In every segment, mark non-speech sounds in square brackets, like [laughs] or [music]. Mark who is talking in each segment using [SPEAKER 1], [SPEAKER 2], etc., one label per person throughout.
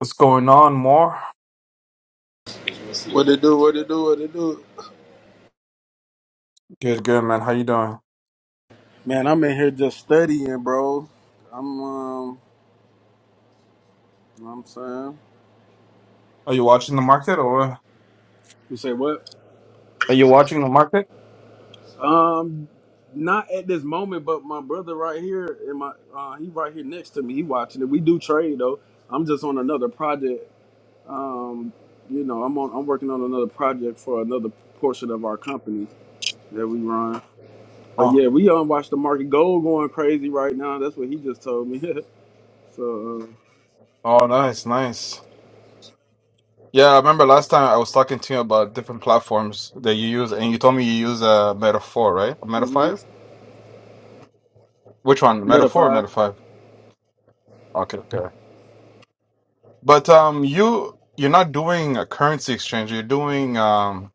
[SPEAKER 1] What's going on, more?
[SPEAKER 2] What it do? What it do? What it do?
[SPEAKER 1] Good, good, man. How you doing?
[SPEAKER 2] Man, I'm in here just studying, bro. I'm, um, you know what I'm saying.
[SPEAKER 1] Are you watching the market or what?
[SPEAKER 2] You say what?
[SPEAKER 1] are you watching the market?
[SPEAKER 2] Um, not at this moment, but my brother right here, and my uh, he right here next to me. He watching it. We do trade though. I'm just on another project. Um, you know, I'm on. I'm working on another project for another portion of our company that we run. But
[SPEAKER 1] Oh,
[SPEAKER 2] yeah, we um watch the market gold going crazy right now. That's what he just told me. [laughs] so, uh,
[SPEAKER 1] oh, nice, nice. Yeah, I remember last time I was talking to you about different platforms that you use, and you told me you use uh, Meta Four, right? Or Meta
[SPEAKER 2] mm-hmm.
[SPEAKER 1] Five? Which one, Meta Four or Meta Five? Okay, okay. But um, you you're not doing a currency exchange. You're doing um,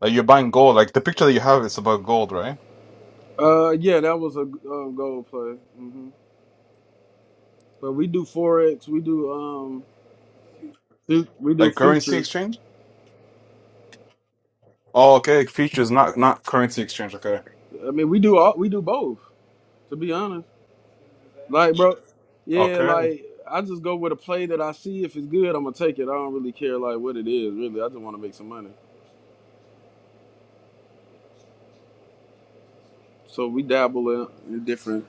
[SPEAKER 1] like you're buying gold. Like the picture that you have is about gold, right?
[SPEAKER 2] Uh, yeah, that was a um, gold play. hmm But we do forex, we do um, fu- we do
[SPEAKER 1] Like currency
[SPEAKER 2] futures.
[SPEAKER 1] exchange. Oh, okay. Features, not not currency exchange. Okay.
[SPEAKER 2] I mean, we do all we do both. To be honest, like bro, yeah,
[SPEAKER 1] Okay.
[SPEAKER 2] like I just go with a play that I see. If it's good, I'm gonna take it. I don't really care like what it is. Really, I just want to make some money. So we dabble in, in different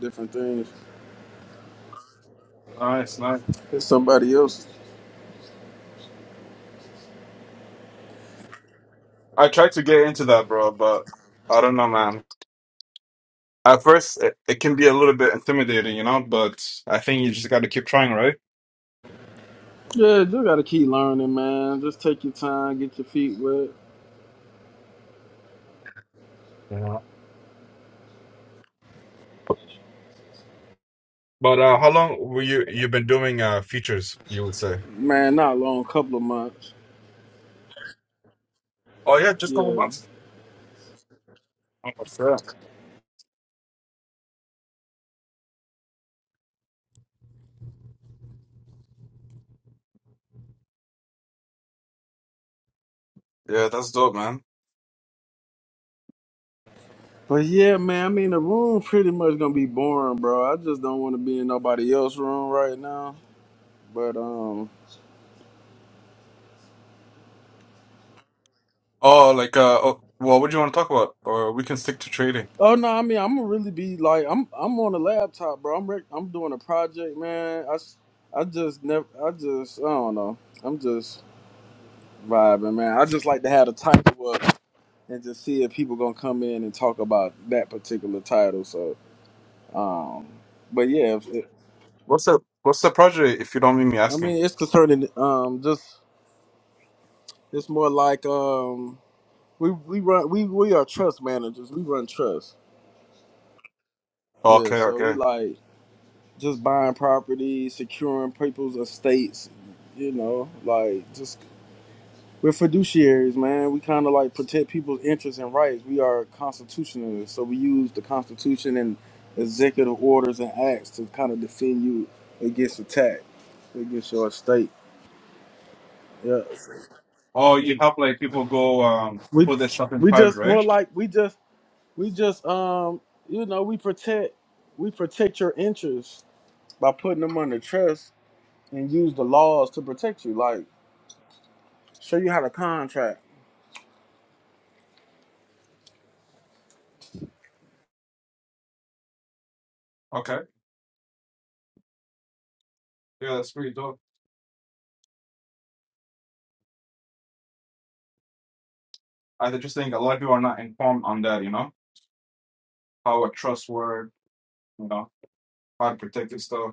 [SPEAKER 2] different things.
[SPEAKER 1] Nice, nice.
[SPEAKER 2] It's somebody else.
[SPEAKER 1] I tried to get into that, bro, but I don't know, man. At first, it, it can be a little bit intimidating, you know, but I think you just got to keep trying, right?
[SPEAKER 2] Yeah, you gotta keep learning, man. Just take your time, get your feet wet.
[SPEAKER 1] Yeah. But uh, how long were you you've been doing uh features, you would say?
[SPEAKER 2] Man, not long, couple of months.
[SPEAKER 1] Oh yeah, just a couple
[SPEAKER 2] Yeah.
[SPEAKER 1] months. Oh, sure. Yeah, that's dope, man.
[SPEAKER 2] But yeah, man, I mean the room pretty much gonna be boring, bro. I just don't want to be in nobody else's room right now. But um,
[SPEAKER 1] Oh, like uh, oh, well, what do you want to talk about? Or we can stick to trading.
[SPEAKER 2] oh no, I mean I'm gonna really be like I'm I'm on a laptop, bro. I'm rec- I'm doing a project, man. I s- I just never I just I don't know. I'm just vibing, man. I just like to have the title up and just see if people gonna come in and talk about that particular title. So um, but yeah, if it,
[SPEAKER 1] What's the what's the project if you don't mind me
[SPEAKER 2] I
[SPEAKER 1] asking?
[SPEAKER 2] mean it's concerning um just it's more like um We we run we we are trust managers. We run trust. Yeah,
[SPEAKER 1] Okay,
[SPEAKER 2] so we
[SPEAKER 1] okay.
[SPEAKER 2] like just buying property, securing people's estates. You know, like just we're fiduciaries, man. We kind of like protect people's interests and rights. We are constitutionalists, so we use the Constitution and executive orders and acts to kind of defend you against attack, against your estate. Yeah,
[SPEAKER 1] Oh, you help like people go um
[SPEAKER 2] we
[SPEAKER 1] put their shop in
[SPEAKER 2] we
[SPEAKER 1] private,
[SPEAKER 2] just more
[SPEAKER 1] right?
[SPEAKER 2] like we just we just um you know we protect we protect your interests by putting them under trust and use the laws to protect you. Like show you how to contract.
[SPEAKER 1] Okay. Yeah, that's pretty dope. I just think a lot of people are not informed on that, you know, how a trust word, you know, how to protect this stuff.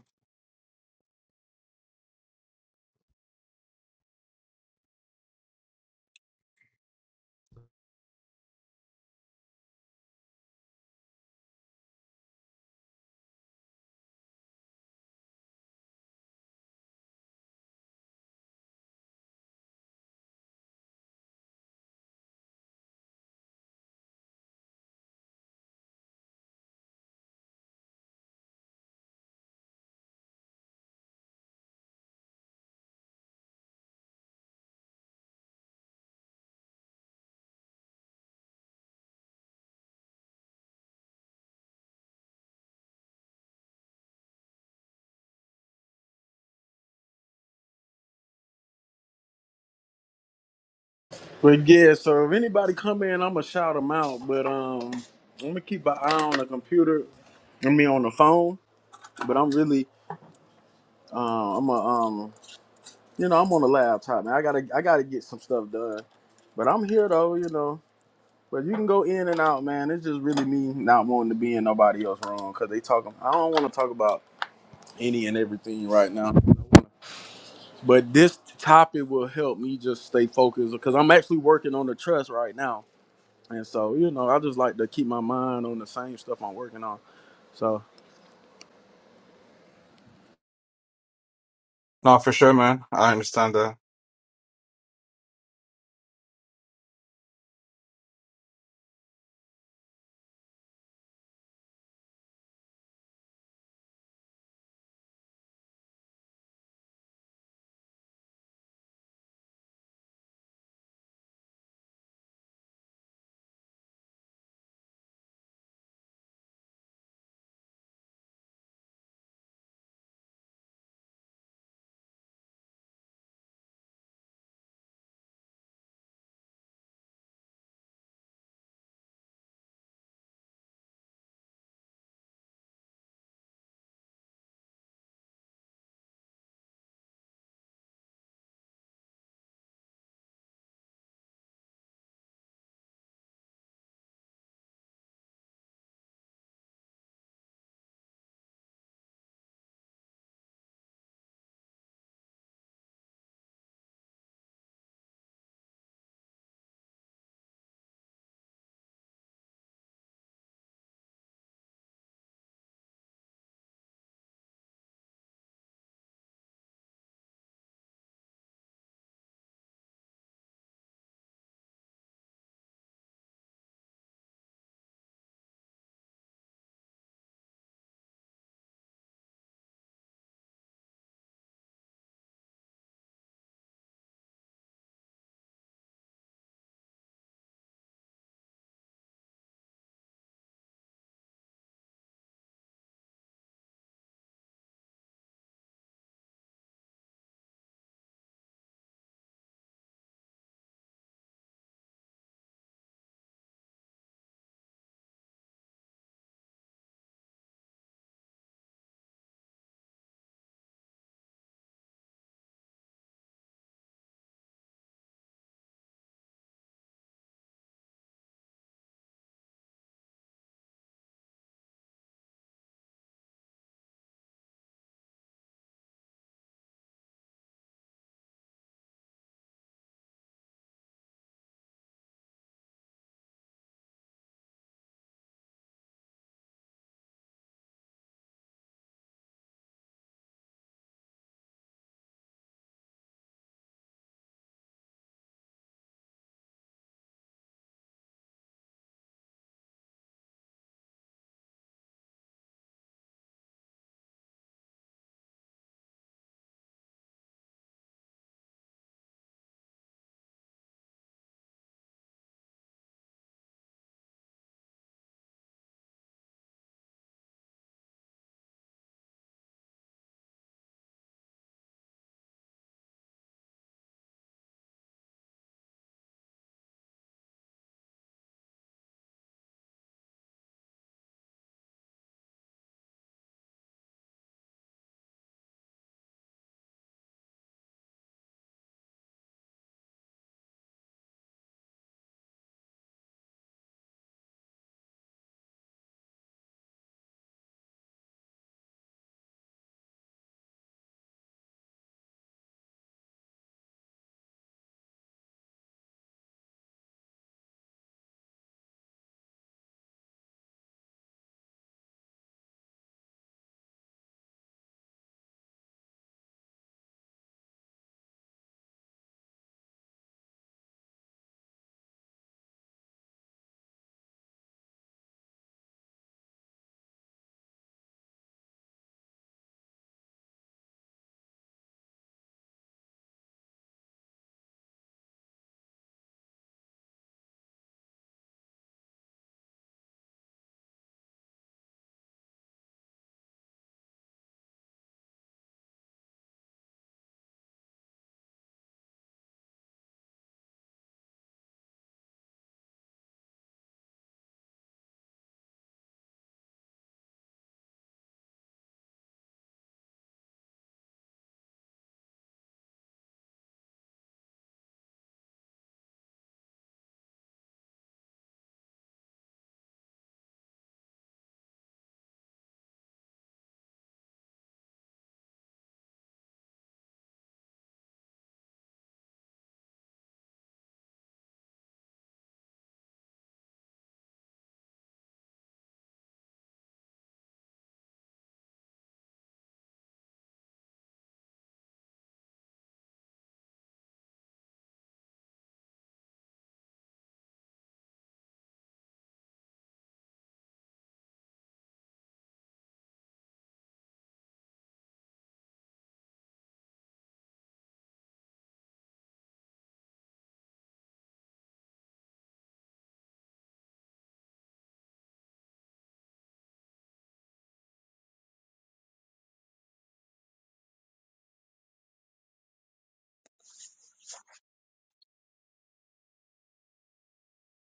[SPEAKER 2] But yeah, so if anybody come in, I'ma shout them out. But um, I'm gonna keep an eye on the computer. I mean on the phone. But I'm really uh, I'm a um, you know, I'm on the laptop, man. I gotta I gotta get some stuff done. But I'm here though, you know. But you can go in and out, man. It's just really me not wanting to be in nobody else wrong because they talking. I don't want to talk about any and everything right now. But this topic will help me just stay focused because I'm actually working on the trust right now. And so, you know, I just like to keep my mind on the same stuff I'm working on. So,
[SPEAKER 1] No, for sure, man. I understand that.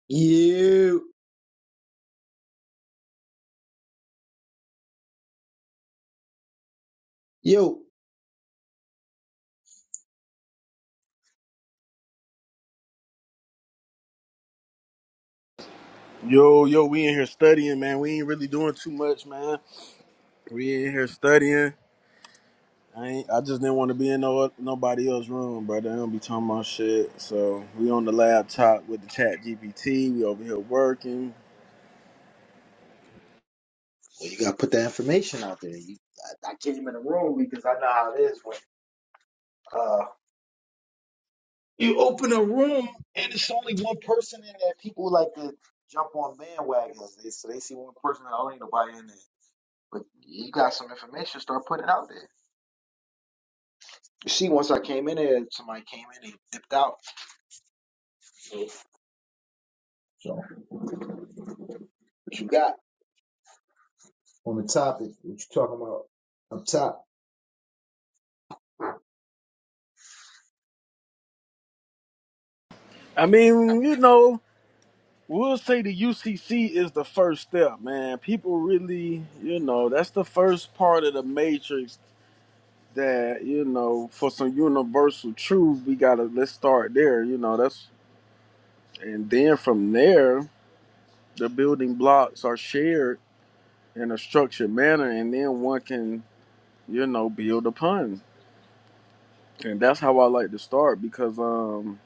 [SPEAKER 3] You, yo, well,
[SPEAKER 2] yo, yo, we in here studying, man. We ain't really doing too much, man. We in here studying. I ain't, I just didn't want to be in no nobody else's room, brother. They don't be talking about shit. So we on the laptop with the chat GPT. We over here working.
[SPEAKER 3] you gotta put that information out there. You, I, I came in the room because I know how it is when uh, you open a room and it's only one person in there. People like to jump on bandwagons. They so they see one person and oh, ain't nobody in there. But you got some information, start putting it out there. You see, once I came in there, somebody came in and dipped out. So, so what you got on the topic? What you talking about up top?
[SPEAKER 2] I mean, you know, We'll say the UCC is the first step, man. People really, you know, that's the first part of the matrix that, you know, for some universal truth, we got to let's start there, you know. That's and then from there, the building blocks are shared in a structured manner and then one can, you know, build upon. And that's how I like to start because um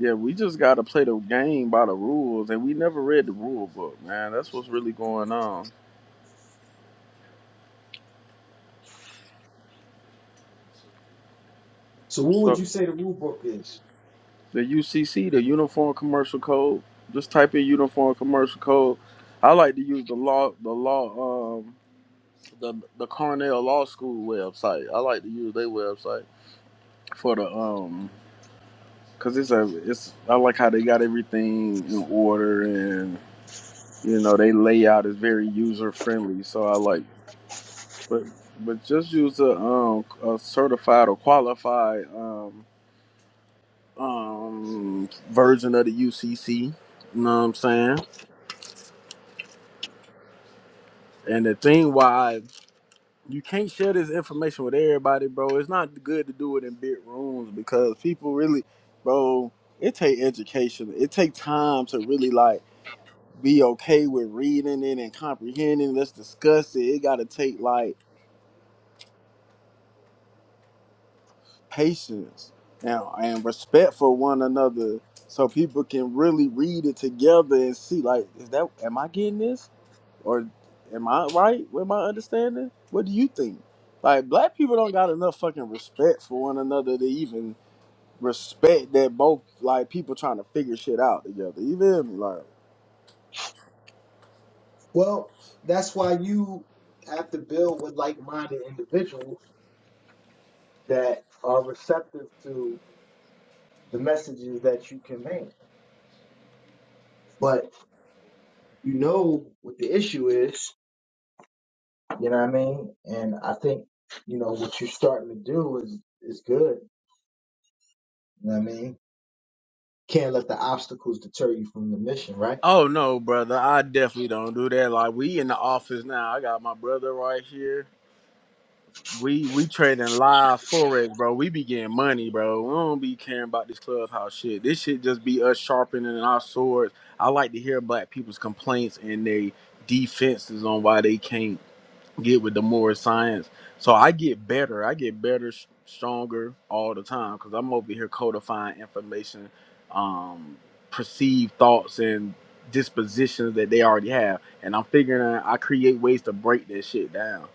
[SPEAKER 2] yeah, we just got to play the game by the rules and we never read the rule book, man. That's what's really going on.
[SPEAKER 3] So, what would
[SPEAKER 2] So
[SPEAKER 3] you say the rule book is?
[SPEAKER 2] the UCC, the Uniform Commercial Code. Just type in Uniform Commercial Code. I like to use the law, the law, um, the the Cornell Law School website. I like to use their website for the um, cause it's a it's. I like how they got everything in order and you know they layout is very user friendly. So I like, but but just use a um a certified or qualified um um version of the UCC. You know what I'm saying? And the thing why you can't share this information with everybody, bro, it's not good to do it in big rooms because people really, bro, it take education. It take time to really like be okay with reading it and comprehending. Let's discuss it. It gotta take like patience now and respect for one another so people can really read it together and see like is that am i getting this or am i right with my understanding what do you think like black people don't got enough fucking respect for one another to even respect that both like people trying to figure shit out together you feel me like
[SPEAKER 3] Well, that's why you have to build with like-minded individuals that are receptive to the messages that you convey. But you know what the issue is, you know what I mean? And I think, you know, what you're starting to do is is good. You know what I mean? Can't let the obstacles deter you from the mission, right?
[SPEAKER 2] oh no brother i definitely don't do that like we in the office now i got my brother right here We we trading live forex, bro. We be getting money, bro. We don't be caring about this clubhouse shit. This shit just be us sharpening our swords. I like to hear black people's complaints and their defenses on why they can't get with the more science. So I get better. I get better, s- stronger all the time because I'm over here codifying information, um, perceived thoughts and dispositions that they already have, and I'm figuring out I create ways to break that shit down.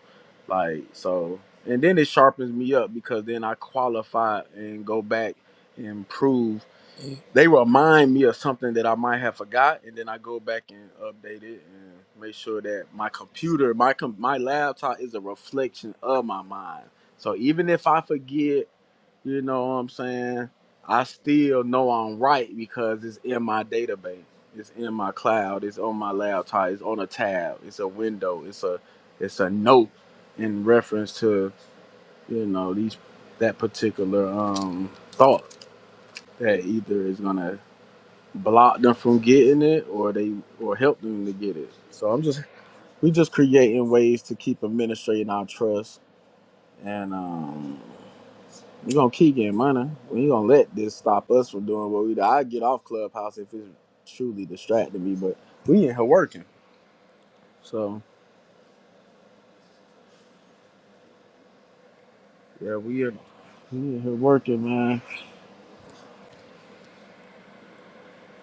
[SPEAKER 2] Like so, and then it sharpens me up because then I qualify and go back and prove they remind me of something that I might have forgot, and then I go back and update it and make sure that my computer, my com- my laptop is a reflection of my mind. So even if I forget, you know what I'm saying, I still know I'm right because it's in my database, it's in my cloud, it's on my laptop, it's on a tab, it's a window, it's a it's a note in reference to you know these that particular um thought that either is gonna block them from getting it or they or help them to get it. So I'm just we just creating ways to keep administrating our trust and um we gonna keep getting money. We ain't gonna let this stop us from doing what we do. I get off Clubhouse if it's truly distracting me, but we in here working. So yeah, we in we in here working, man.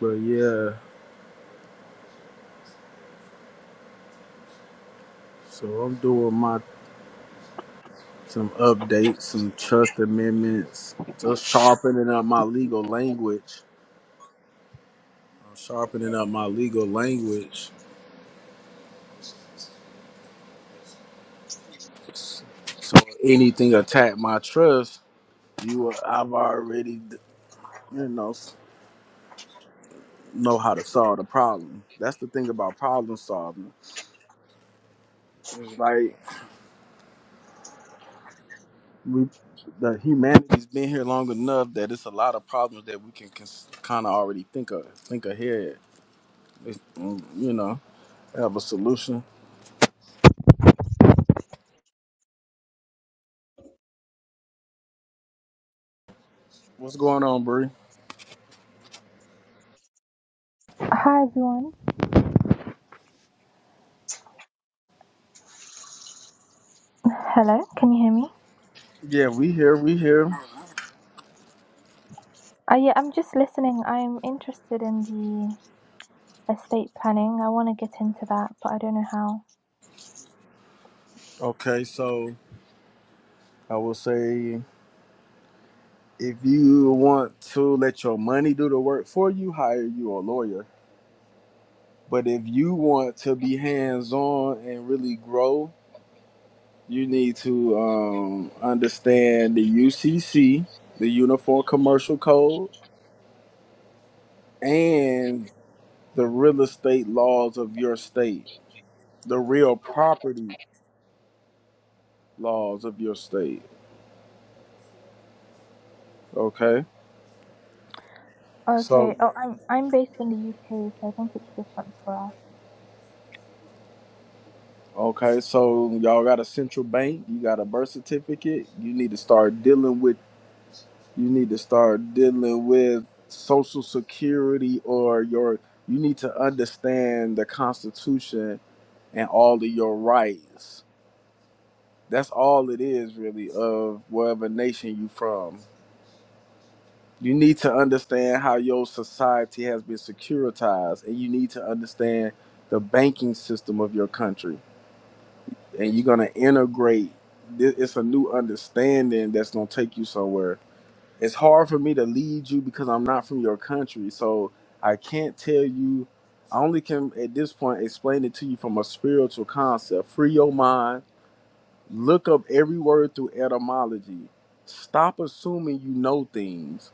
[SPEAKER 2] But yeah, so I'm doing my some updates, some trust amendments, just sharpening up my legal language I'm sharpening up my legal language. So anything attack my trust, you will- I've already you know know how to solve the problem. That's the thing about problem solving. It's like we the humanity's been here long enough that it's a lot of problems that we can kind of already think of think ahead. It's, mm, you know, have a solution. What's going on, Bree?
[SPEAKER 4] Hi everyone. Hello, can you hear me?
[SPEAKER 2] Yeah, we here, we here.
[SPEAKER 4] Uh, yeah, I'm just listening. I'm interested in the estate planning. I want to get into that, but I don't know how.
[SPEAKER 2] Okay, so I will say. If you want to let your money do the work for you, hire you a lawyer. But if you want to be hands on and really grow, you need to um, understand the UCC, the Uniform Commercial Code, and the real estate laws of your state, the real property laws of your state. Okay.
[SPEAKER 4] Okay.
[SPEAKER 2] So,
[SPEAKER 4] Oh, I'm I'm based in the UK, so I think it's different for us.
[SPEAKER 2] okay. So, y'all got a central bank, you got a birth certificate, you need to start dealing with you need to start dealing with social security or your you need to understand the constitution and all of your rights that's all it is really of whatever nation you from you need to understand how your society has been securitized and you need to understand the banking system of your country and you're going to integrate it's a new understanding that's going to take you somewhere it's hard for me to lead you because I'm not from your country. So I can't tell you. I only can at this point explain it to you from a spiritual concept. Free your mind. Look up every word through etymology. Stop assuming you know things.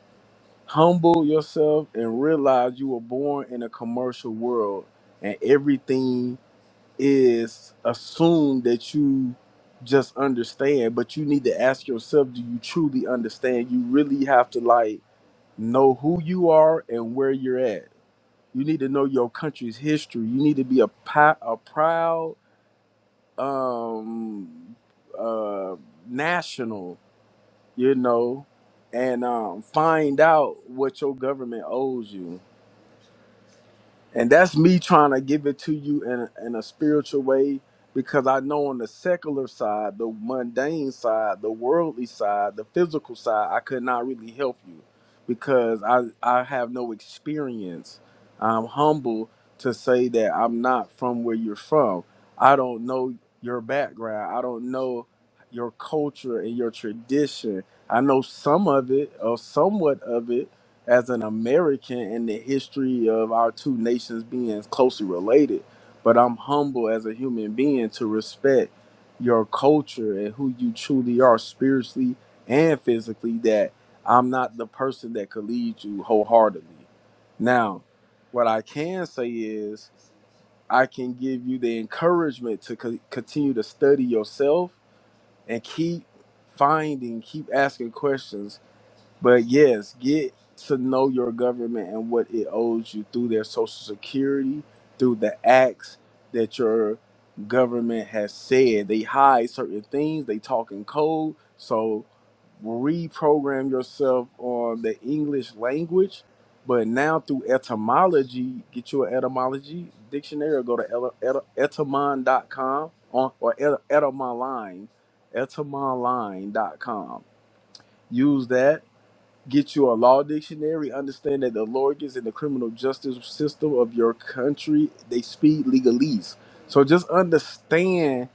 [SPEAKER 2] Humble yourself and realize you were born in a commercial world and everything is assumed that you just understand, but you need to ask yourself, do you truly understand? You really have to like know who you are and where you're at. You need to know your country's history. You need to be a, pi- a proud um, uh, national, you know, and um, find out what your government owes you. and that's me trying to give it to you in a, in a spiritual way because I know on the secular side, the mundane side, the worldly side, the physical side, I could not really help you because I I have no experience. I'm humble to say that I'm not from where you're from. I don't know your background. I don't know your culture and your tradition. I know some of it or somewhat of it, as an American in the history of our two nations being closely related, but I'm humble as a human being to respect your culture and who you truly are spiritually and physically that I'm not the person that could lead you wholeheartedly. Now, what I can say is I can give you the encouragement to co- continue to study yourself and keep finding, keep asking questions but yes, get to know your government and what it owes you through their social security, through the acts that your government has said. They hide certain things, they talk in code. So reprogram yourself on the English language. But now through etymology, get you an etymology dictionary or go to ele- et- etymon dot com on, or et- etymon line etymon line dot com. Use that Get you a law dictionary. Understand that the lawyers in the criminal justice system of your country they speak legalese. So just understand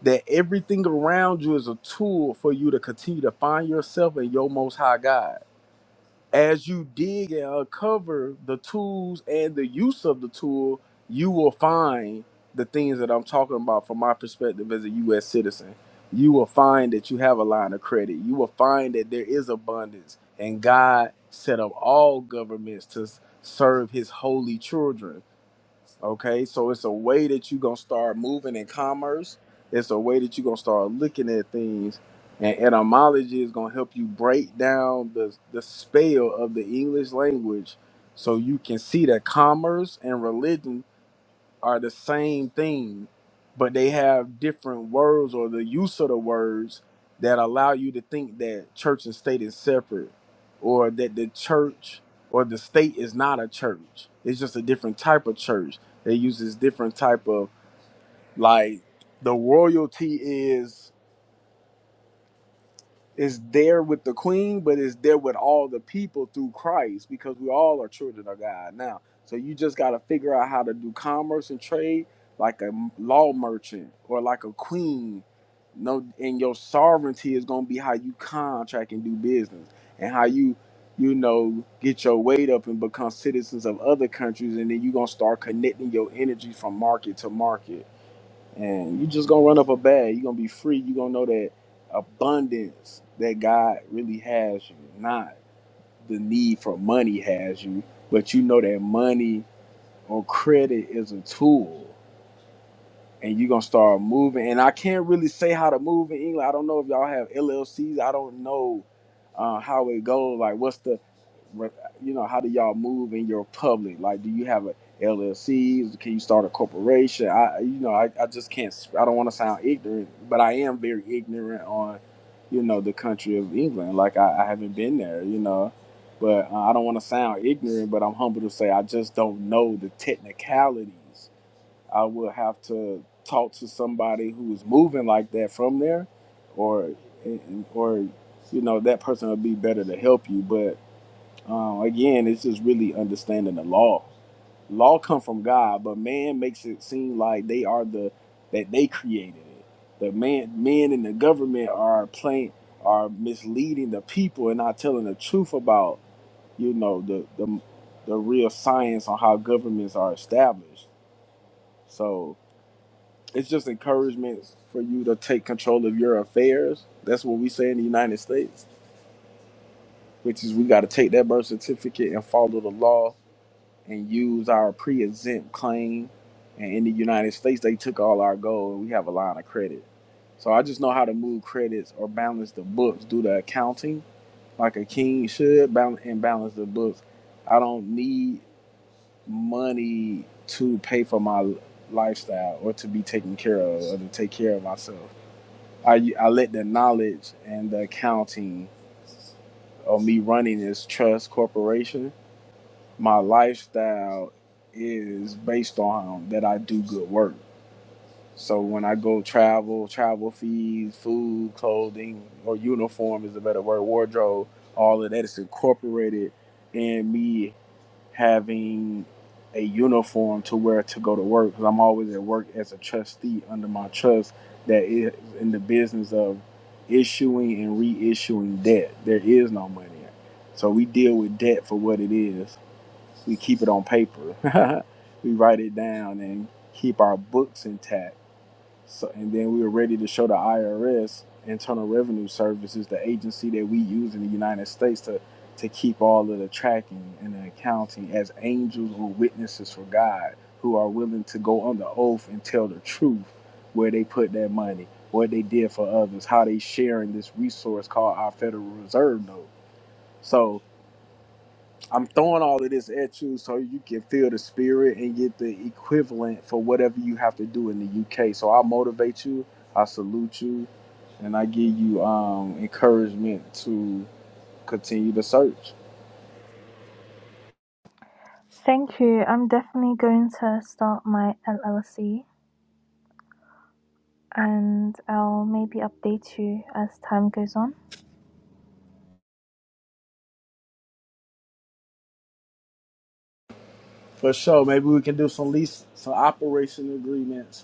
[SPEAKER 2] that everything around you is a tool for you to continue to find yourself and your Most High God as you dig and uncover the tools and the use of the tool, you will find the things that I'm talking about from my perspective as a US citizen. You will find that you have a line of credit. You will find that there is abundance. And God set up all governments to s- serve his holy children. Okay, so it's a way that you're gonna start moving in commerce. It's a way that you're gonna start looking at things, and etymology is gonna help you break down the the spell of the English language, so you can see that commerce and religion are the same thing, but they have different words or the use of the words that allow you to think that church and state is separate or that the church or the state is not a church. It's just a different type of church that uses different type of like the royalty is is there with the queen, but is there with all the people through Christ because we all are children of God now. So you just got to figure out how to do commerce and trade like a law merchant or like a queen. No, and your sovereignty is going to be how you contract and do business and how you, you know, get your weight up and become citizens of other countries. And then you're going to start connecting your energy from market to market and you just gonna run up a bag. You're gonna be free. You're gonna know that abundance that God really has you, not the need for money has you, but you know that money or credit is a tool and you're gonna start moving. And I can't really say how to move in England. I don't know if y'all have LLCs. I don't know uh, how it goes. Like, what's the, re- you know, how do y'all move in your public? Like, do you have a LLC? Can you start a corporation? I, you know, I, I just can't. sp- I don't want to sound ignorant, but I am very ignorant on, you know, the country of England. Like, I, I haven't been there, you know. But uh, I don't want to sound ignorant, but I'm humble to say I just don't know the technicalities I would have to talk to somebody who is moving like that from there, or or you know that person would be better to help you. But um, again, it's just really understanding the law. Law come from God, but man makes it seem like they are the that they created it. The man, men in the government are playing are misleading the people and not telling the truth about you know the the the real science on how governments are established. So it's just encouragement for you to take control of your affairs. That's what we say in the United States, which is we got to take that birth certificate and follow the law and use our pre-exempt claim. And in the United States, they took all our gold and we have a line of credit. So I just know how to move credits or balance the books, do the accounting like a king should, balance and balance the books. I don't need money to pay for my lifestyle or to be taken care of or to take care of myself. I, I let the knowledge and the accounting of me running this trust corporation, my lifestyle is based on that I do good work. So when I go travel, travel fees, food, clothing, or uniform is a better word, wardrobe, all of that is incorporated in me having a uniform to wear to go to work because I'm always at work as a trustee under my trust that is in the business of issuing and reissuing debt. There is no money. So we deal with debt for what it is. We keep it on paper. [laughs] we write it down and keep our books intact so, and then we were ready to show the IRS, Internal Revenue Services, the agency that we use in the United States to, to keep all of the tracking and the accounting as angels or witnesses for God who are willing to go under oath and tell the truth where they put their money, what they did for others, how they sharing this resource called our Federal Reserve Note. So I'm throwing all of this at you so you can feel the spirit and get the equivalent for whatever you have to do in the UK. So I motivate you, I salute you, and I give you um, encouragement to continue the search.
[SPEAKER 4] Thank you. I'm definitely going to start my LLC, and I'll maybe update you as time goes on.
[SPEAKER 2] For sure, maybe we can do some lease, some operation agreements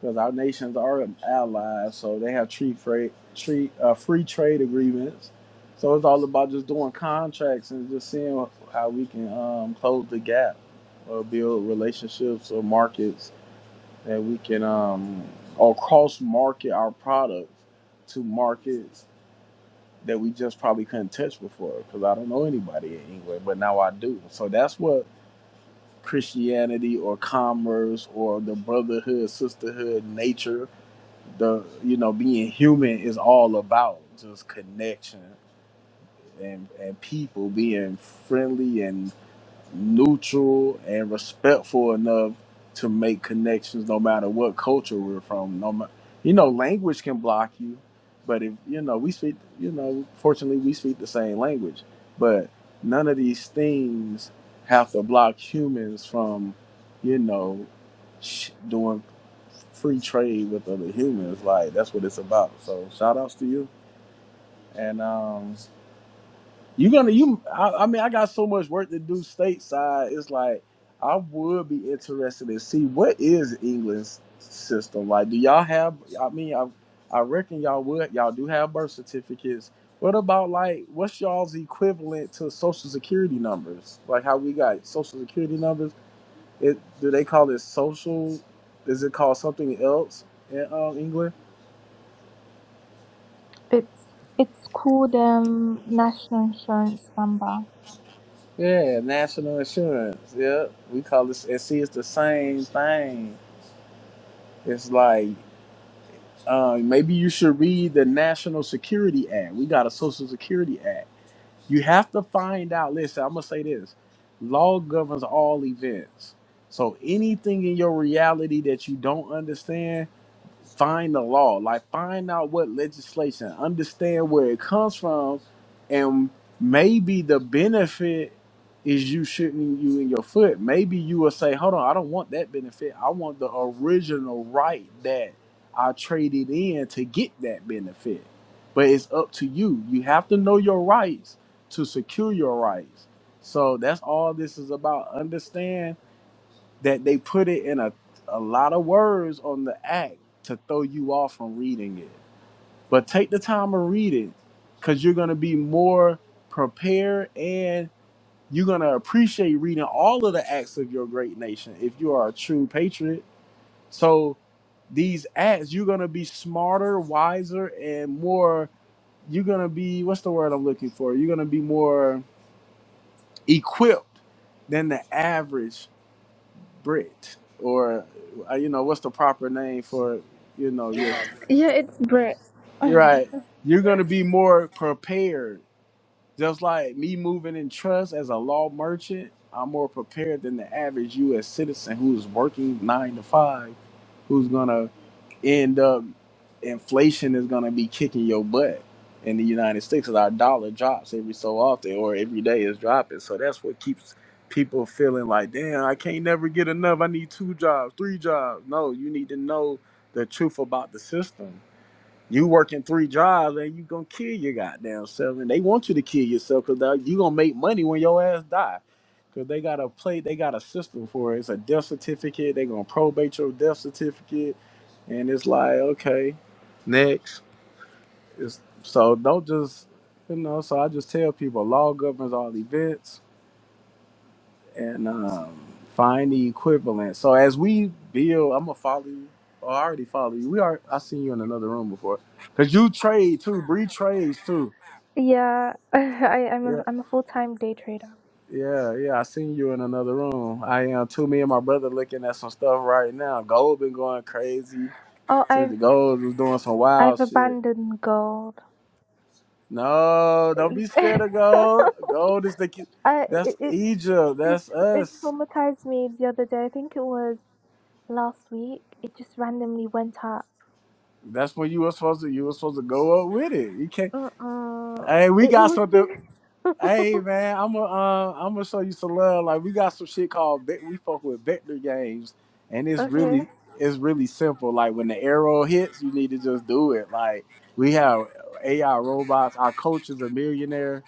[SPEAKER 2] because our nations are allies, so they have free trade, free, uh, free trade agreements. So it's all about just doing contracts and just seeing how we can um, close the gap or build relationships or markets that we can um, or cross market our products to markets that we just probably couldn't touch before because I don't know anybody in England, but now I do. So that's what Christianity or commerce or the brotherhood, sisterhood, nature the you know being human is all about just connection and and people being friendly and neutral and respectful enough to make connections no matter what culture we're from no ma- you know language can block you but if you know we speak you know fortunately we speak the same language but none of these things have to block humans from you know sh- doing free trade with other humans like that's what it's about so shout outs to you and um you gonna you? I, I mean, I got so much work to do stateside. It's like I would be interested to see what is England's system like. Do y'all have? I mean, I I reckon y'all would. Y'all do have birth certificates. What about like what's y'all's equivalent to social security numbers? Like how we got social security numbers? It do they call it social? Is it called something else in um, England?
[SPEAKER 4] It's it's called um National Insurance Number.
[SPEAKER 2] Yeah, national insurance. Yeah, we call this. And see, it's the same thing. It's like uh, maybe you should read the National Security Act. We got a Social Security Act. You have to find out. Listen, I'm gonna say this: law governs all events. So anything in your reality that you don't understand find the law, like find out what legislation, understand where it comes from, and maybe the benefit is you shooting you in your foot. Maybe you will say, "Hold on, I don't want that benefit. I want the original right that I traded in to get that benefit." But it's up to you. You have to know your rights to secure your rights. So that's all this is about. Understand that they put it in a, a lot of words on the act to throw you off from reading it. But take the time and read it because you're going to be more prepared and you're going to appreciate reading all of the acts of your great nation if you are a true patriot. So, these acts, you're going to be smarter, wiser, and more. You're going to be, what's the word I'm looking for? You're going to be more equipped than the average Brit, or uh, you know what's the proper name for you know your
[SPEAKER 4] Yeah, it's Brit.
[SPEAKER 2] you're
[SPEAKER 4] [laughs]
[SPEAKER 2] right you're going to be more prepared just like me moving in trust as a law merchant i'm more prepared than the average us citizen who's working 9 to 5 who's going to end up inflation is going to be kicking your butt in the United States, cause our dollar drops every so often or every day is dropping. So that's what keeps people feeling like, damn, I can't never get enough. I need two jobs, three jobs. No, you need to know the truth about the system. You working three jobs and you gonna kill your goddamn self, and they want you to kill yourself because you gonna make money when your ass die. Cause they got a plate, they got a system for it. It's a death certificate. They gonna probate your death certificate, and it's like okay, next. It's, so don't just you know. So I just tell people log up as all events and um, find the equivalent. So as we build, I'm gonna follow you. Or I already follow you. We are. I seen you in another room before. Cause you trade too. Bree trades too.
[SPEAKER 4] Yeah, [laughs] I, I'm a
[SPEAKER 2] Yeah,
[SPEAKER 4] I'm a full-time day trader.
[SPEAKER 2] yeah, yeah. I seen you in another room. I am too. Me and my brother looking at some stuff right now. Gold been going crazy.
[SPEAKER 4] Oh,
[SPEAKER 2] To the
[SPEAKER 4] I've
[SPEAKER 2] gold was doing some wild
[SPEAKER 4] I've
[SPEAKER 2] shit.
[SPEAKER 4] abandoned gold.
[SPEAKER 2] No, don't be
[SPEAKER 4] [laughs]
[SPEAKER 2] scared of gold. Gold is the. ki-
[SPEAKER 4] I it
[SPEAKER 2] That's
[SPEAKER 4] it
[SPEAKER 2] Egypt.
[SPEAKER 4] it
[SPEAKER 2] That's
[SPEAKER 4] it
[SPEAKER 2] us.
[SPEAKER 4] traumatized me the other day. I think it was last week. It just randomly went up.
[SPEAKER 2] That's when you were supposed to. You were supposed to go up with it. You can't.
[SPEAKER 4] Mm-mm.
[SPEAKER 2] Hey, we
[SPEAKER 4] It, it
[SPEAKER 2] got
[SPEAKER 4] was
[SPEAKER 2] something.
[SPEAKER 4] too. [laughs]
[SPEAKER 2] Hey man, I'm gonna uh, I'm gonna show you some love. Like we got some shit called Ve- we fuck with vector games, and it's
[SPEAKER 4] Okay.
[SPEAKER 2] really it's really simple. Like when the arrow hits, you need to just do it. Like we have AI robots. Our coach is a millionaire,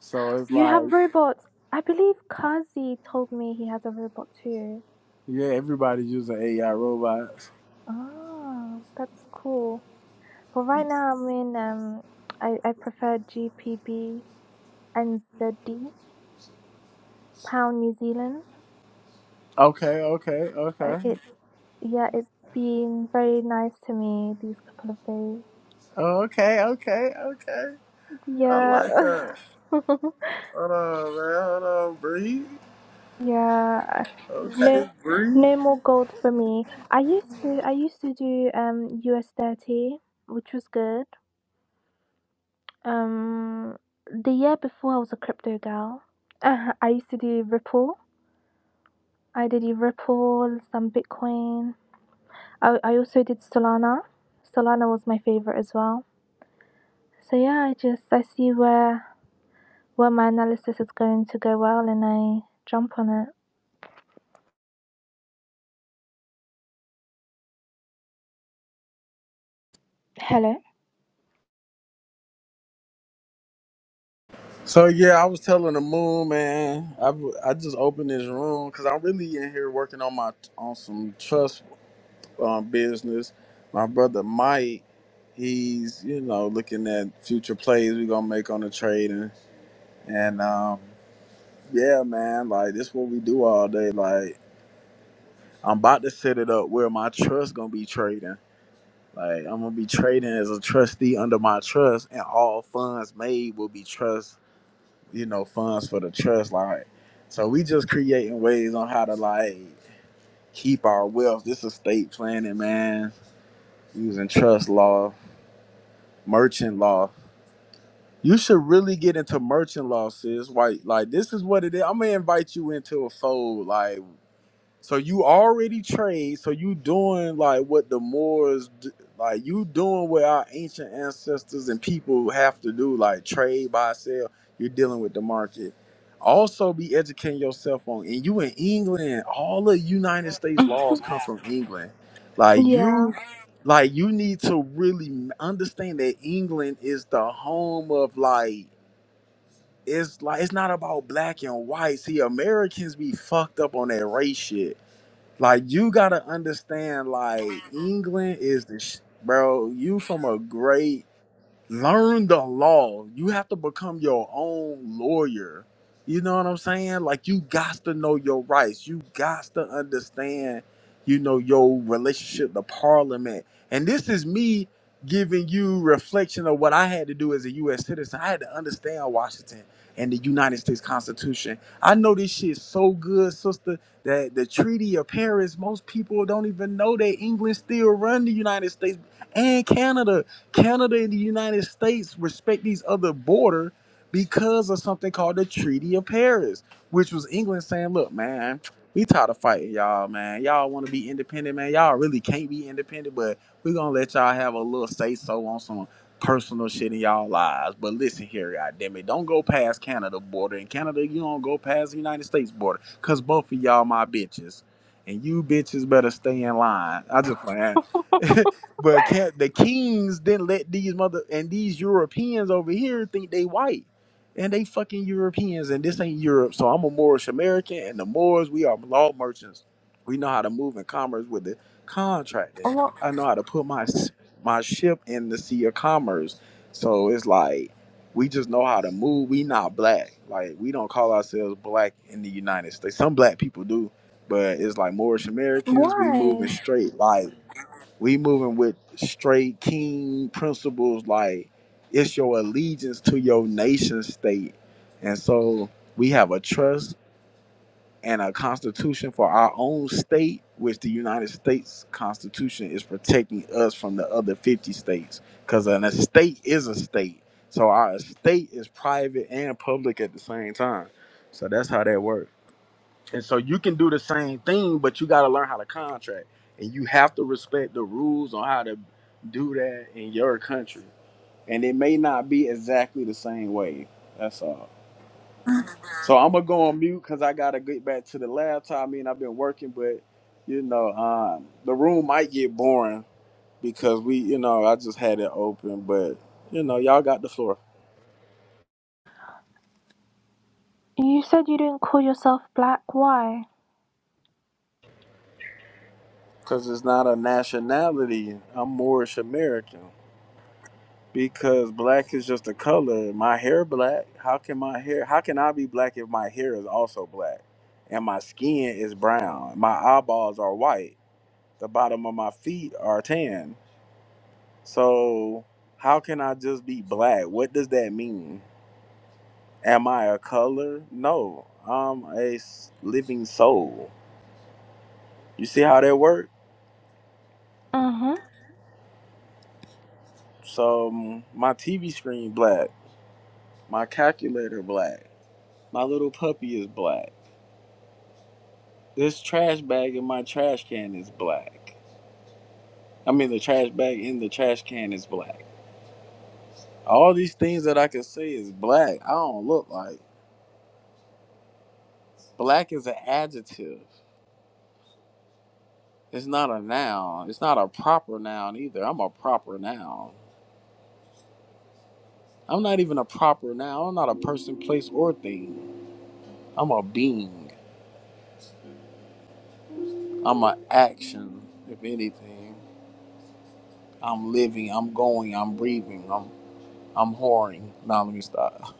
[SPEAKER 2] so it's
[SPEAKER 4] You
[SPEAKER 2] like
[SPEAKER 4] have robots. I believe Kazi told me he has a robot too.
[SPEAKER 2] yeah, everybody's using AI robots.
[SPEAKER 4] Oh, that's cool. But right now I'm in um I, I prefer GPB and ZD, pound New Zealand.
[SPEAKER 2] Okay, okay,
[SPEAKER 4] Uh,
[SPEAKER 2] okay,
[SPEAKER 4] It Yeah, it's been very nice to me these couple of
[SPEAKER 2] okay, okay, okay.
[SPEAKER 4] days.
[SPEAKER 2] I
[SPEAKER 4] Yeah.
[SPEAKER 2] like that.
[SPEAKER 4] [laughs]
[SPEAKER 2] Hold on, man. Hold on, breathe.
[SPEAKER 4] Yeah. No
[SPEAKER 2] Okay, breathe.
[SPEAKER 4] no more gold for me. I used to I used to do um US thirty, which was good. Um the year before I was a crypto gal. [laughs] Uh, I used to do Ripple. I did Ripple, some Bitcoin. I I also did Solana. Solana was my favorite as well. So yeah, I just I see where Well, my analysis is going to go well and I jump on it. Hello?
[SPEAKER 2] So yeah, I was telling the moon man, I I just opened this room because I'm really in here working on my on some trust um, business. My brother Mike, he's you know looking at future plays we gonna make on the trade and and um, yeah, man, like this what we do all day. Like I'm about to set it up where my trust gonna be trading. Like I'm gonna be trading as a trustee under my trust, and all funds made will be trust you know, funds for the trust. Like, so we just creating ways on how to like keep our wealth. This estate planning, man, using trust law, merchant law. You should really get into merchant law, sis. Like, like this is what it is. I'm gonna invite you into a fold. like. So you already trade. So you doing like what the Moors, d- like you doing what our ancient ancestors and people have to do, like trade, buy, sell. You're dealing with the market. Also, be educating yourself on. And you in England, all the United States laws come from England. Like
[SPEAKER 4] Yeah.
[SPEAKER 2] you, like you need to really m- understand that England is the home of like. It's like it's not about black and white. See, Americans be fucked up on that race shit like you gotta understand, like England is the sh- bro. You from a great learn the law. You have to become your own lawyer. You know what I'm saying? Like you got to know your rights. You got to understand, you know, your relationship to parliament. And this is me giving you reflection of what I had to do as a US citizen. I had to understand Washington and the United States Constitution. I know this shit so good, sister, that the Treaty of Paris, most people don't even know that England still run the United States and Canada Canada and the United States respect these other border because of something called the Treaty of Paris, which was England saying, "Look, man, we tired of fighting y'all, man. Y'all want to be independent, man. Y'all really can't be independent, but we're gonna let y'all have a little say so on some personal shit in y'all lives. But listen here, goddamn it, don't go past Canada border, and Canada, you don't go past the United States border, cause both of y'all my bitches, and you bitches better stay in line. I just playing. [laughs] But can't, the kings didn't let these mother and these Europeans over here think they white, and they fucking Europeans, and this ain't Europe. So I'm a Moorish American, and the Moors we are law merchants. We know how to move in commerce with the
[SPEAKER 4] [laughs]
[SPEAKER 2] contracting.
[SPEAKER 4] What?
[SPEAKER 2] I know how to put my s- my ship in the sea of commerce. So it's like we just know how to move. We not black. Like we don't call ourselves black in the United States. Some black people do, but it's like Moorish Americans. We
[SPEAKER 4] Why?
[SPEAKER 2] moving straight. Like we moving with straight king principles, like it's your allegiance to your nation state. And so we have a trust and a constitution for our own state, which the United States Constitution is protecting us from the other 50 states. Because an estate is a state. So our estate is private and public at the same time. So that's how that works. And so you can do the same thing, but you got to learn how to contract, and you have to respect the rules on how to do that in your country. And it may not be exactly the same way. That's all. So I'm gonna go on mute because I gotta get back to the laptop. I mean, I've been working, but you know, um, the room might get boring because we, you know, I just had it open. But you know, y'all got the floor
[SPEAKER 4] You said you didn't call yourself black. Why?
[SPEAKER 2] because it's not a nationality. I'm Moorish American. Because black is just a color. My hair black. How can my hair? How can I be black if my hair is also black, and my skin is brown? My eyeballs are white. The bottom of my feet are tan. So how can I just be black? What does that mean? Am I a color? No, I'm a s- living soul. You see how that works?
[SPEAKER 4] Mm-hmm.
[SPEAKER 2] So mm, my TV screen black. My calculator black. My little puppy is black. This trash bag in my trash can is black. I mean, the trash bag in the trash can is black. All these things that I can say is black. I don't look like. Black is an adjective. It's not a noun. It's not a proper noun either. I'm a proper noun. I'm not even a proper noun. I'm not a person, place, or thing. I'm a being. I'm an action, if anything. I'm living. I'm going. I'm breathing. I'm I'm whoring. Now let me stop.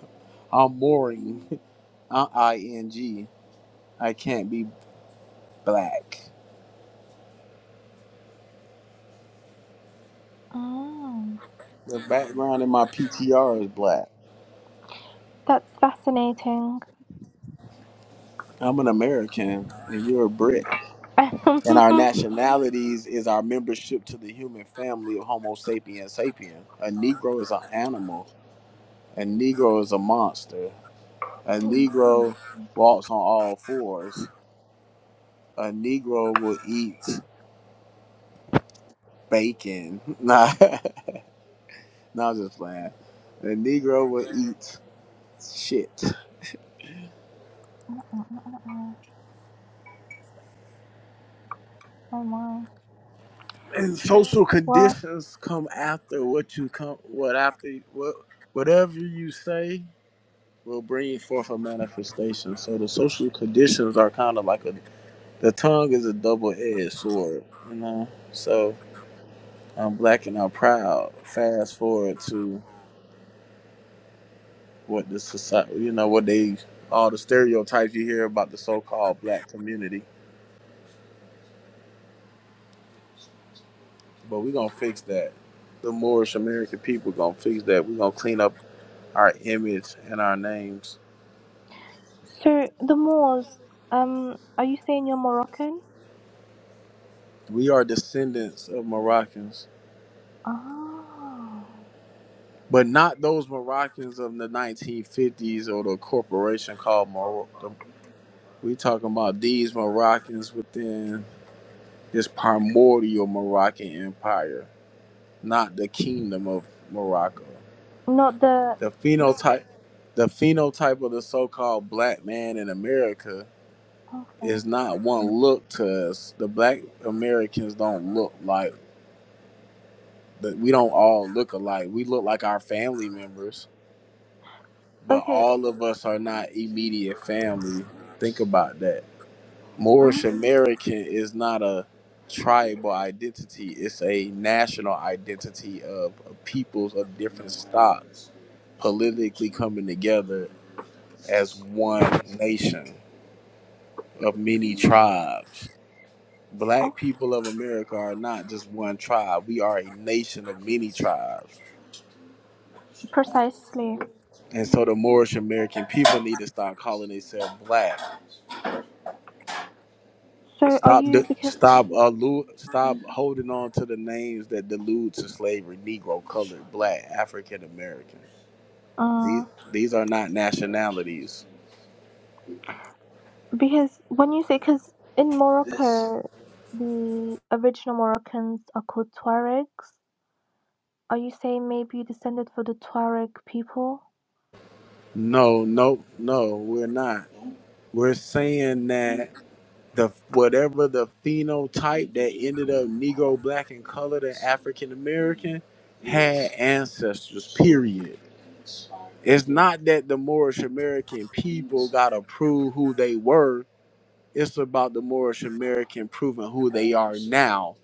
[SPEAKER 2] I'm mooring. [laughs] I N G. I can't be black.
[SPEAKER 4] Mm.
[SPEAKER 2] The background in my PTR is black.
[SPEAKER 4] That's fascinating.
[SPEAKER 2] I'm an American and you're a Brit. And our
[SPEAKER 4] [laughs]
[SPEAKER 2] nationalities is our membership to the human family of Homo sapiens sapien. A Negro is an animal. A Negro is a monster. A Negro walks on all fours. A Negro will eat bacon. [laughs] Nah, [laughs] nah I'm just playing. A Negro will eat shit.
[SPEAKER 4] oh my.
[SPEAKER 2] and social
[SPEAKER 4] Well,
[SPEAKER 2] conditions come after what you come what after what whatever you say will bring forth a manifestation so the social conditions are kind of like a the tongue is a double-edged sword you know so i'm black and i'm proud fast forward to what the society you know what they all the stereotypes you hear about the so-called black community but we're gonna fix that the moorish american people gonna fix that we're gonna clean up our image and our names
[SPEAKER 4] so the Moors, um, are you saying you're Moroccan?
[SPEAKER 2] We are descendants of Moroccans,
[SPEAKER 4] Ah.
[SPEAKER 2] but not those Moroccans of the 1950s or the corporation called Morocco. We talking about these Moroccans within this primordial Moroccan empire, not the kingdom of Morocco.
[SPEAKER 4] Not the.
[SPEAKER 2] The phenotype, the phenotype of the so-called black man in America is not one look to us. The black Americans don't look like that. We don't all look alike. We look like our family members but
[SPEAKER 4] Okay.
[SPEAKER 2] all of us are not immediate family. Think about that. Moorish
[SPEAKER 4] Mm.
[SPEAKER 2] American is not a tribal identity, it's a national identity of peoples of different stocks politically coming together as one nation of many tribes.
[SPEAKER 4] Oh,
[SPEAKER 2] Black people of America are not just one tribe. We are a nation of many tribes.
[SPEAKER 4] precisely.
[SPEAKER 2] And so the Moorish American people need to start calling themselves black
[SPEAKER 4] So are
[SPEAKER 2] Stop
[SPEAKER 4] you
[SPEAKER 2] the
[SPEAKER 4] because.
[SPEAKER 2] stop allu- stop holding on to the names that delude to slavery: Negro, colored, black, African American.
[SPEAKER 4] Uh.
[SPEAKER 2] These these are not nationalities.
[SPEAKER 4] Because when you say, because in Morocco, the original Moroccans are called Tuaregs. Are you saying maybe you descended from the Tuareg people?
[SPEAKER 2] No, no, no, we're not. We're saying that the whatever the phenotype that ended up Negro, black, and colored and African American had ancestors. Period. It's not that the Moorish American people got to prove who they were It's about the Moorish American proving who they are now.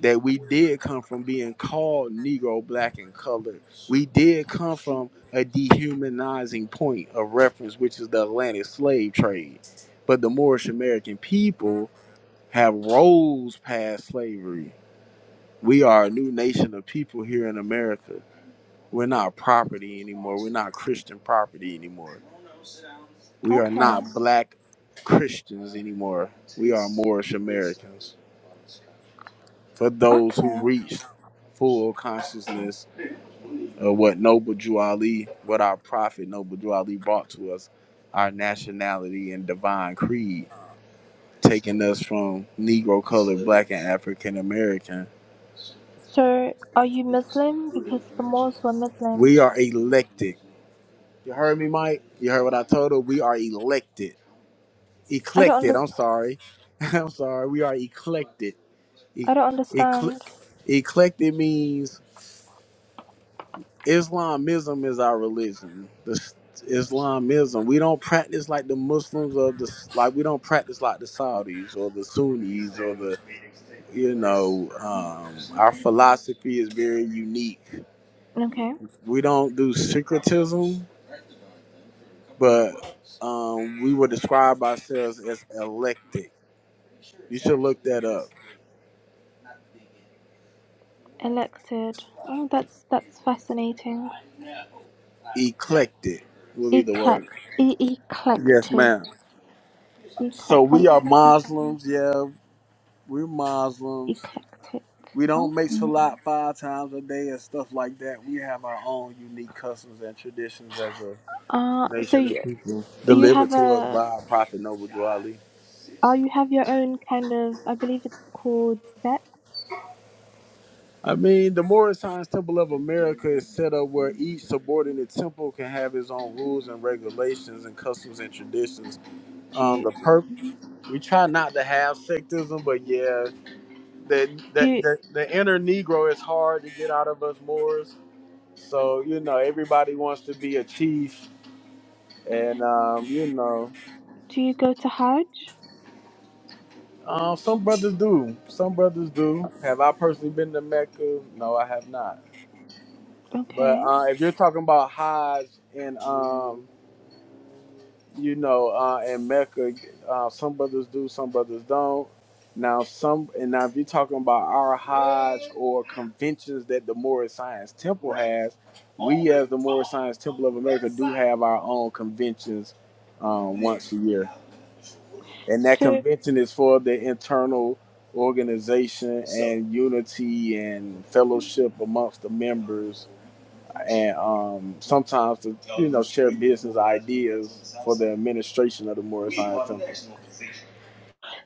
[SPEAKER 2] That we did come from being called Negro, Black, and Colored. We did come from a dehumanizing point of reference, which is the Atlantic slave trade. But the Moorish American people have rose past slavery. We are a new nation of people here in America. We're not property anymore. We're not Christian property anymore. We are
[SPEAKER 4] Okay. Yeah.
[SPEAKER 2] not black Christians anymore. We are Moorish Americans. for those who
[SPEAKER 4] Okay.
[SPEAKER 2] reached full consciousness of what Noble Drew Ali, what our prophet Noble Drew Ali brought to us, our nationality and divine creed, taking us from Negro, colored, black, and African American.
[SPEAKER 4] So are you Muslim? Because the Moors were Muslim.
[SPEAKER 2] We are elected. You heard me, Mike? You heard what I told her? We are elected.
[SPEAKER 4] I don't
[SPEAKER 2] Eclected,
[SPEAKER 4] under-
[SPEAKER 2] I'm sorry. [laughs] I'm sorry. We are eclected. E-
[SPEAKER 4] I don't
[SPEAKER 2] ecle-
[SPEAKER 4] understand.
[SPEAKER 2] eclected means Islamism is our religion. The s- Islamism. We don't practice like the Muslims of the s- like. We don't practice like the Saudis or the Sunnis or the you know. Um, our philosophy is very unique.
[SPEAKER 4] Okay.
[SPEAKER 2] We don't do syncretism, but um, we would describe ourselves as eclectic. You should look that up.
[SPEAKER 4] Elected. Oh, that's that's fascinating.
[SPEAKER 2] Eclectic will be the word.
[SPEAKER 4] Eclect. E-
[SPEAKER 2] Yes,
[SPEAKER 4] eclectic.
[SPEAKER 2] ma'am. So
[SPEAKER 4] Eclectic. I've
[SPEAKER 2] we are
[SPEAKER 4] never heard that. word.
[SPEAKER 2] Muslims. Yeah, we're Muslims
[SPEAKER 4] Eclectic.
[SPEAKER 2] We don't make
[SPEAKER 4] Okay.
[SPEAKER 2] salat five times a day and stuff like that. We have our own unique customs and traditions as a
[SPEAKER 4] Uh, so
[SPEAKER 2] nation of
[SPEAKER 4] you,
[SPEAKER 2] people
[SPEAKER 4] you
[SPEAKER 2] delivered
[SPEAKER 4] have
[SPEAKER 2] to us
[SPEAKER 4] a
[SPEAKER 2] by our prophet Noble Drew Ali.
[SPEAKER 4] Oh, you have your own kind of, I believe it's called set.
[SPEAKER 2] I mean, the Morris Science Temple of America is set up where each subordinate temple can have its own rules and regulations and customs and traditions.
[SPEAKER 4] Do
[SPEAKER 2] Um,
[SPEAKER 4] you,
[SPEAKER 2] the per we try not to have sectism, but yeah, the
[SPEAKER 4] do
[SPEAKER 2] the,
[SPEAKER 4] you,
[SPEAKER 2] the the inner Negro is hard to get out of us Moors. So you know, everybody wants to be a chief And um, you know,
[SPEAKER 4] do you go to Hajj?
[SPEAKER 2] uh, some brothers do. Some brothers do. Have I personally been to Mecca? No, I have not. But
[SPEAKER 4] Okay.
[SPEAKER 2] uh, if you're talking about Hajj and um, you know, uh, in Mecca, uh, some brothers do, some brothers don't. Now, some and now if you're talking about our Hajj or conventions that the Morris Science Temple has, we as the Morris Science Temple of America do have our own conventions um, once a year. and that
[SPEAKER 4] So,
[SPEAKER 2] convention is for the internal organization So and unity and fellowship amongst the members and um, sometimes to you know share business ideas for the administration of the Morris Science Temple.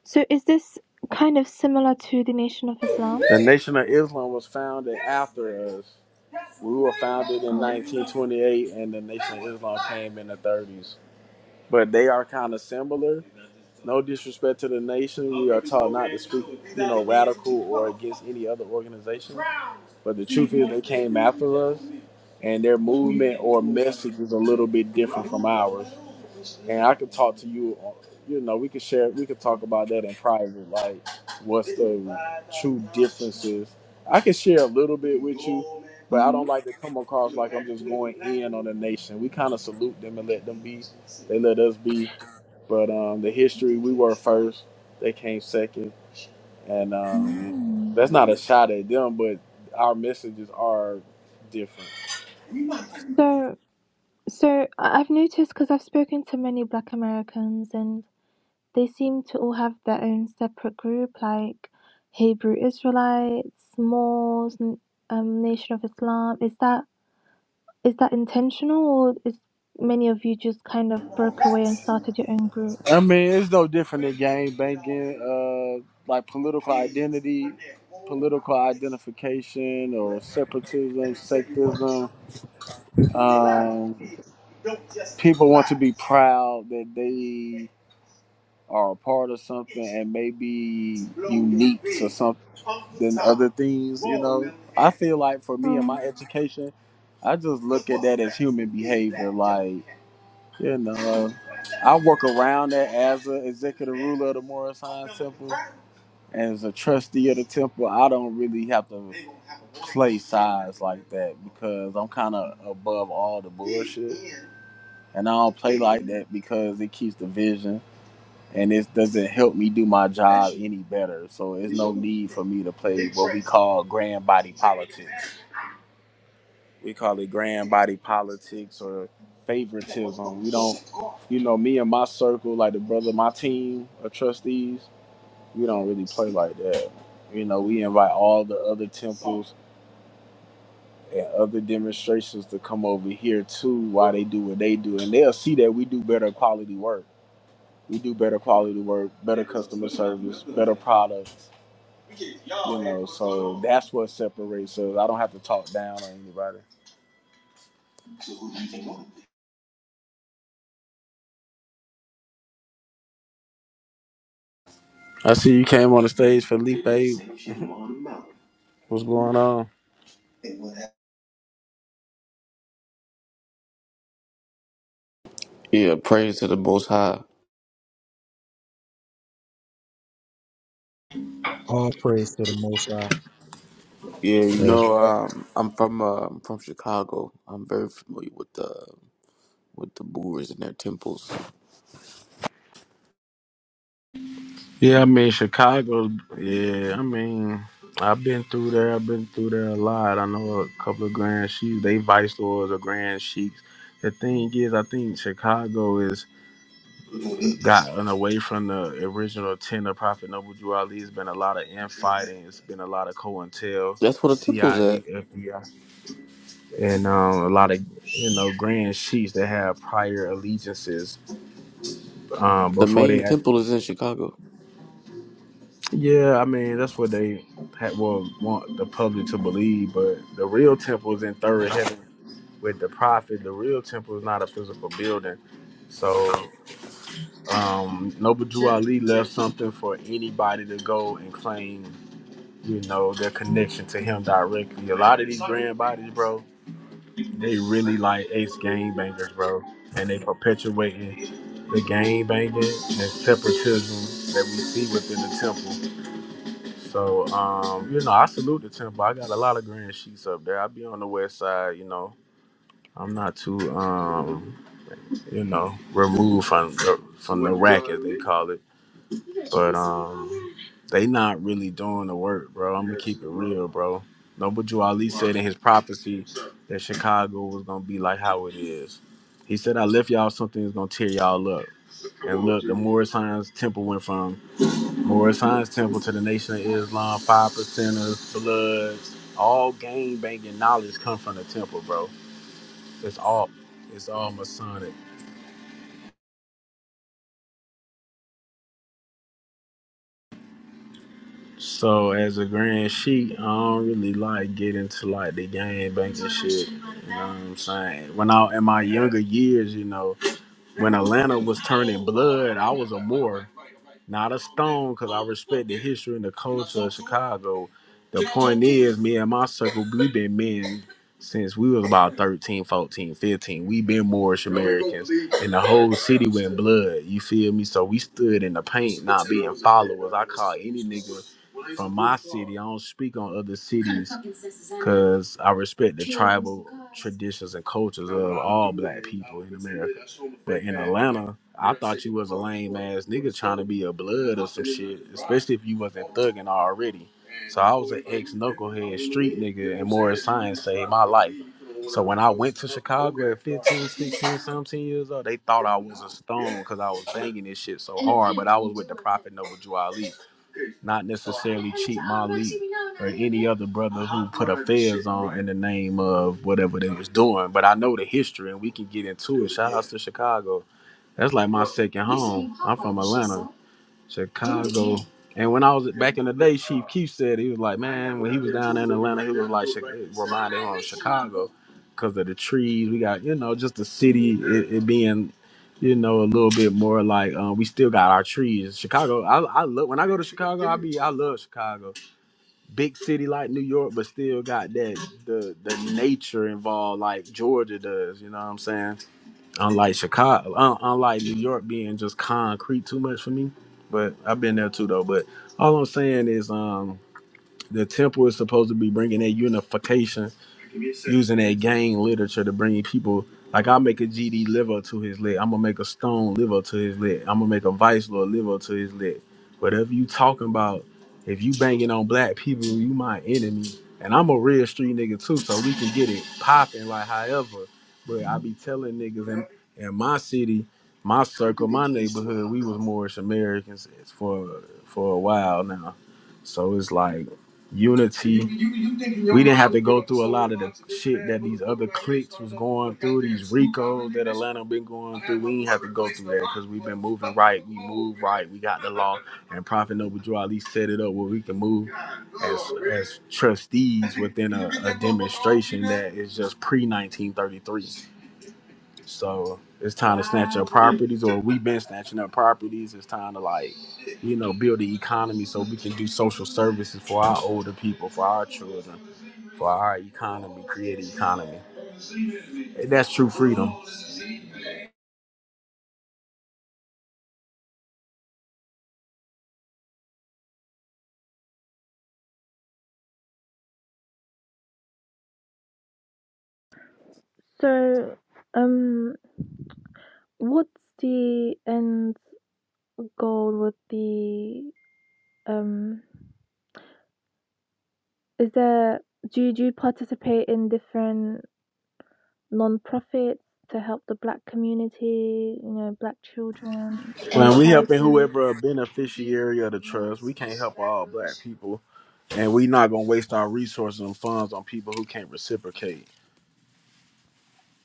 [SPEAKER 4] so is this kind of similar to the Nation of Islam?
[SPEAKER 2] The Nation of Islam was founded after us. We were founded in
[SPEAKER 4] Oh.
[SPEAKER 2] 1928, and the Nation of Islam came in the 30s. But they are kind of similar No disrespect to the nation. We are taught not to speak, you know, radical or against any other organization. But the truth
[SPEAKER 4] Mm-hmm.
[SPEAKER 2] is, they came after us, and their movement or message is a little bit different from ours. And I could talk to you, on- you know, we could share, we could talk about that in private, like what's the true differences. I could share a little bit with you, but I
[SPEAKER 4] Mm-hmm.
[SPEAKER 2] don't like to come across like I'm just going in on the nation. We kind of salute them and let them be. They let us be. But um, the history, we were first. They came second. And um,
[SPEAKER 4] Mm.
[SPEAKER 2] that's not a shot at them, but our messages are different.
[SPEAKER 4] So, so I- I've noticed because I've spoken to many Black Americans and they seem to all have their own separate group, like Hebrew Israelites, Moors, n- um, Nation of Islam. Is that Is that intentional, or is many of you just kind of broke away and started your own
[SPEAKER 2] I
[SPEAKER 4] groups?
[SPEAKER 2] mean, it's no different than gang banging, uh, like political identity, political identification, or separatism, sectism. Um, people want to be proud that they are a part of something and maybe unique to something than other things, you know. I feel like for me and
[SPEAKER 4] Oh,
[SPEAKER 2] my education, I just look at that as human behavior. Like, you know, I work around that as an executive ruler of the Morris Science Temple. and As a trustee of the temple, I don't really have to play sides like that because I'm kind of above all the bullshit. And I don't play like that because it keeps the vision and it doesn't help me do my job any better. So there's no need for me to play what we call grand body politics. We call it grand body politics or favoritism. We don't, you know, me and my circle, like the brother, my team of trustees, we don't really play like that. You know, we invite all the other temples and other demonstrations to come over here too while they do what they do. And they'll see that we do better quality work. We do better quality work, better customer service, better products You know, so that's what separates us. I don't have to talk down on anybody. I see you came on the stage, Felipe. [laughs] What's going on?
[SPEAKER 5] Yeah, praise to the Most High.
[SPEAKER 3] All praise to the Most High.
[SPEAKER 5] Yeah, you
[SPEAKER 2] That's
[SPEAKER 5] know,
[SPEAKER 2] right.
[SPEAKER 5] um, I'm from uh, I'm from Chicago. I'm very familiar with the with the Moors and their temples.
[SPEAKER 2] Yeah, I mean Chicago. Yeah, I mean I've been through there. I've been through there a lot. I know a couple of Grand Sheiks. They vice lords or Grand Sheiks. The thing is, I think Chicago has gotten away from the original ten of Prophet Noble Drew Ali. It's been a lot of infighting. It's been a lot of COINTEL,
[SPEAKER 5] That's where the temple's
[SPEAKER 2] CIA,
[SPEAKER 5] at.
[SPEAKER 2] FBI. and um, a lot of you know grand chiefs that have prior allegiances um,
[SPEAKER 5] The
[SPEAKER 2] before
[SPEAKER 5] main
[SPEAKER 2] they act.
[SPEAKER 5] temple is in Chicago.
[SPEAKER 2] Yeah, I mean that's what they had, will want the public to believe, but the real temple is in third heaven with the prophet. The real temple is not a physical building, so um, Noble Drew Ali left something for anybody to go and claim. You know their connection to him directly. A lot of these grand bodies, bro. They really like ace game bangers, bro. And they perpetuating the game banging and separatism that we see within the temple. So, um, you know, I salute the temple. I got a lot of grand sheets up there. I be on the west side, you know. I'm not too, um, you know, removed from the, from the rack as they call it. But um, they not really doing the work, bro. I'm gonna keep it real, bro. Nobuju Ali said in his prophecy that Chicago was gonna be like how it is. He said, "I left y'all something that's gonna tear y'all up." And look, the Morris Hines Temple went from Morris Hines Temple to the Nation of Islam, five percenters, Bloods, all gang banging knowledge come from the temple, bro. It's all, it's all Masonic. So as a grand sheik, I don't really like get into like the gang banks and shit. You know what I'm saying? When I in my younger years, you know, when Atlanta was turning blood, I was a Moor, not a Stone, because I respect the history and the culture of Chicago. The point is, me and my circle, we been men since we was about 13, 14, 15. we been Moorish Americans, and the whole city went blood. You feel me? So we stood in the paint, not being followers. I call any nigga from my city. I don't speak on other cities because I respect the tribal traditions and cultures of all black people in America. But in Atlanta, I thought you was a lame ass nigga trying to be a blood or some shit, especially if you wasn't thugging already. So I was an ex knucklehead street nigga, and Morris Science saved my life. So when I went to Chicago at 15, 16, seventeen years old, they thought I was a stone because I was banging this shit so hard, but I was with the [laughs] prophet Noble Juali not necessarily cheat Malik or any other brother who put a fez on in the name of whatever they was doing. But I know the history and we can get into it. Shout outs to Chicago. That's like my second home. I'm from Atlanta, Chicago. And when I was back in the day, Chief Keef said he was like, man, when he was down there in Atlanta, he was like Chi- it reminded him of Chicago because of the trees. We got you know just the city it, it being you know a little bit more like um, we still got our trees. Chicago, I I love when I go to Chicago, I be I love Chicago, big city like New York, but still got that the the nature involved like Georgia does. You know what I'm saying? Unlike Chicago, un- unlike New York being just concrete too much for me. But I've been there too though. But all I'm saying is, um, the temple is supposed to be bringing that unification using that gang literature to bring people. Like I'll make a GD liver to his leg. I'm gonna make a Stone liver to his leg. I'm gonna make a Vice Lord liver to his leg. Whatever you talking about, if you banging on black people, you my enemy. And I'm a real street nigga too, so we can get it popping like however. But I be telling niggas in, in my city, my circle, my neighborhood, we was Moorish Americans for for a while now. So it's like unity. We didn't have to go through a lot of the shit that these other cliques was going through, these Ricos that Atlanta been going through. We didn't have to go through that because we've been moving right. We move right. We got the law. And Prophet Noble Drew Ali set it up where we can move as as trustees within a, a demonstration that is just pre 1933. So it's time to snatch up properties, or we've been snatching up properties. It's time to like, you know, build the economy so we can do social services for our older people, for our children, for our economy, create an economy. that's true freedom.
[SPEAKER 4] so um, what's the end goal with the um? Is there do you, do you participate in different non-profits to help the black community? You know, black children, any
[SPEAKER 2] When we helping
[SPEAKER 4] charities?
[SPEAKER 2] whoever a beneficiary of the trust, we can't help all black people, and we not gonna waste our resources and funds on people who can't reciprocate.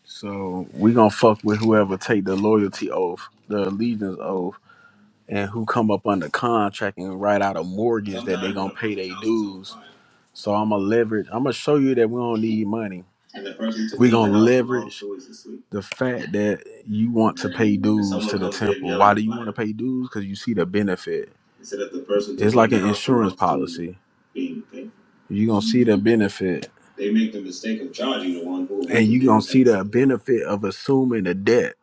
[SPEAKER 2] So we gonna fuck with whoever take the loyalty oath, the allegiance oath and who come up under contract and write out a mortgage that they gonna pay their dues. So I'm gonna leverage. I'm gonna show you that we don't need money. We gonna leverage the fact that you want to pay dues to the temple. Why do you want to pay dues? Because you see the benefit. It's like an insurance policy. You're gonna see the benefit, and you're gonna see the benefit of assuming the debt.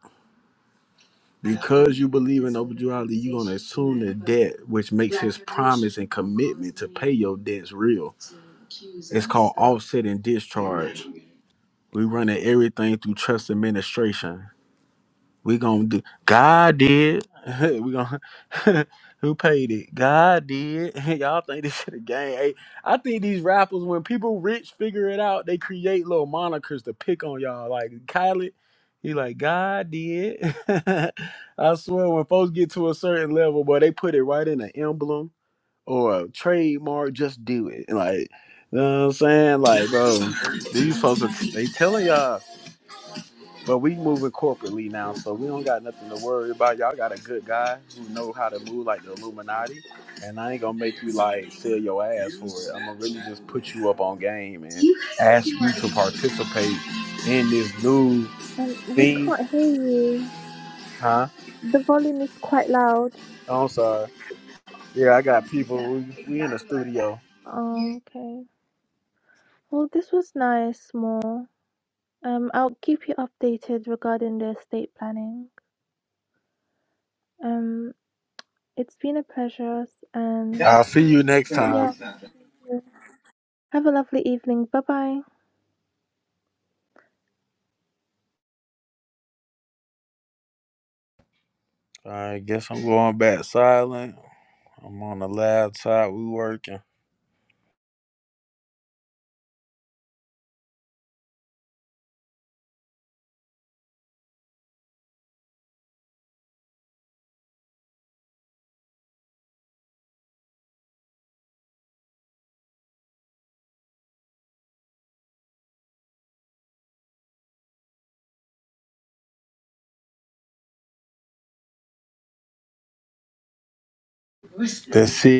[SPEAKER 2] Because you believe in overdraft, you're gonna assume the debt, which makes his promise and commitment to pay your debts real. It's called offset and discharge. We running everything through trust administration. We gonna do. God did. [laughs] we gonna. [laughs] Who paid it? God did. [laughs] Y'all think this shit a game? Hey, I think these rappers, when people rich figure it out, they create little monikers to pick on y'all. Like Kylie, he like God did. [laughs] I swear, when folks get to a certain level, boy, they put it right in an emblem or a trademark. Just do it. Like, you know what I'm saying? Like, bro, these folks, are, they telling y'all. But we moving corporately now, so we don't got nothing to worry about. Y'all got a good guy who know how to move like the Illuminati, and I ain't gonna make you like sell your ass for it. I'm gonna really just put you up on game and ask you to participate in this new
[SPEAKER 4] Um, we
[SPEAKER 2] thing,
[SPEAKER 4] can't hear you.
[SPEAKER 2] huh?
[SPEAKER 4] The volume is quite loud.
[SPEAKER 2] Oh, I'm sorry. Yeah, I got people. We, we in the studio.
[SPEAKER 4] Oh, okay. Well, this was nice, more. Um, I'll keep you updated regarding the estate planning. Um, it's been a pleasure, and
[SPEAKER 2] I'll see you next
[SPEAKER 4] yeah,
[SPEAKER 2] time.
[SPEAKER 4] have a lovely evening. Bye bye.
[SPEAKER 2] I guess I'm going back silent. I'm on the laptop. We working. Let's see.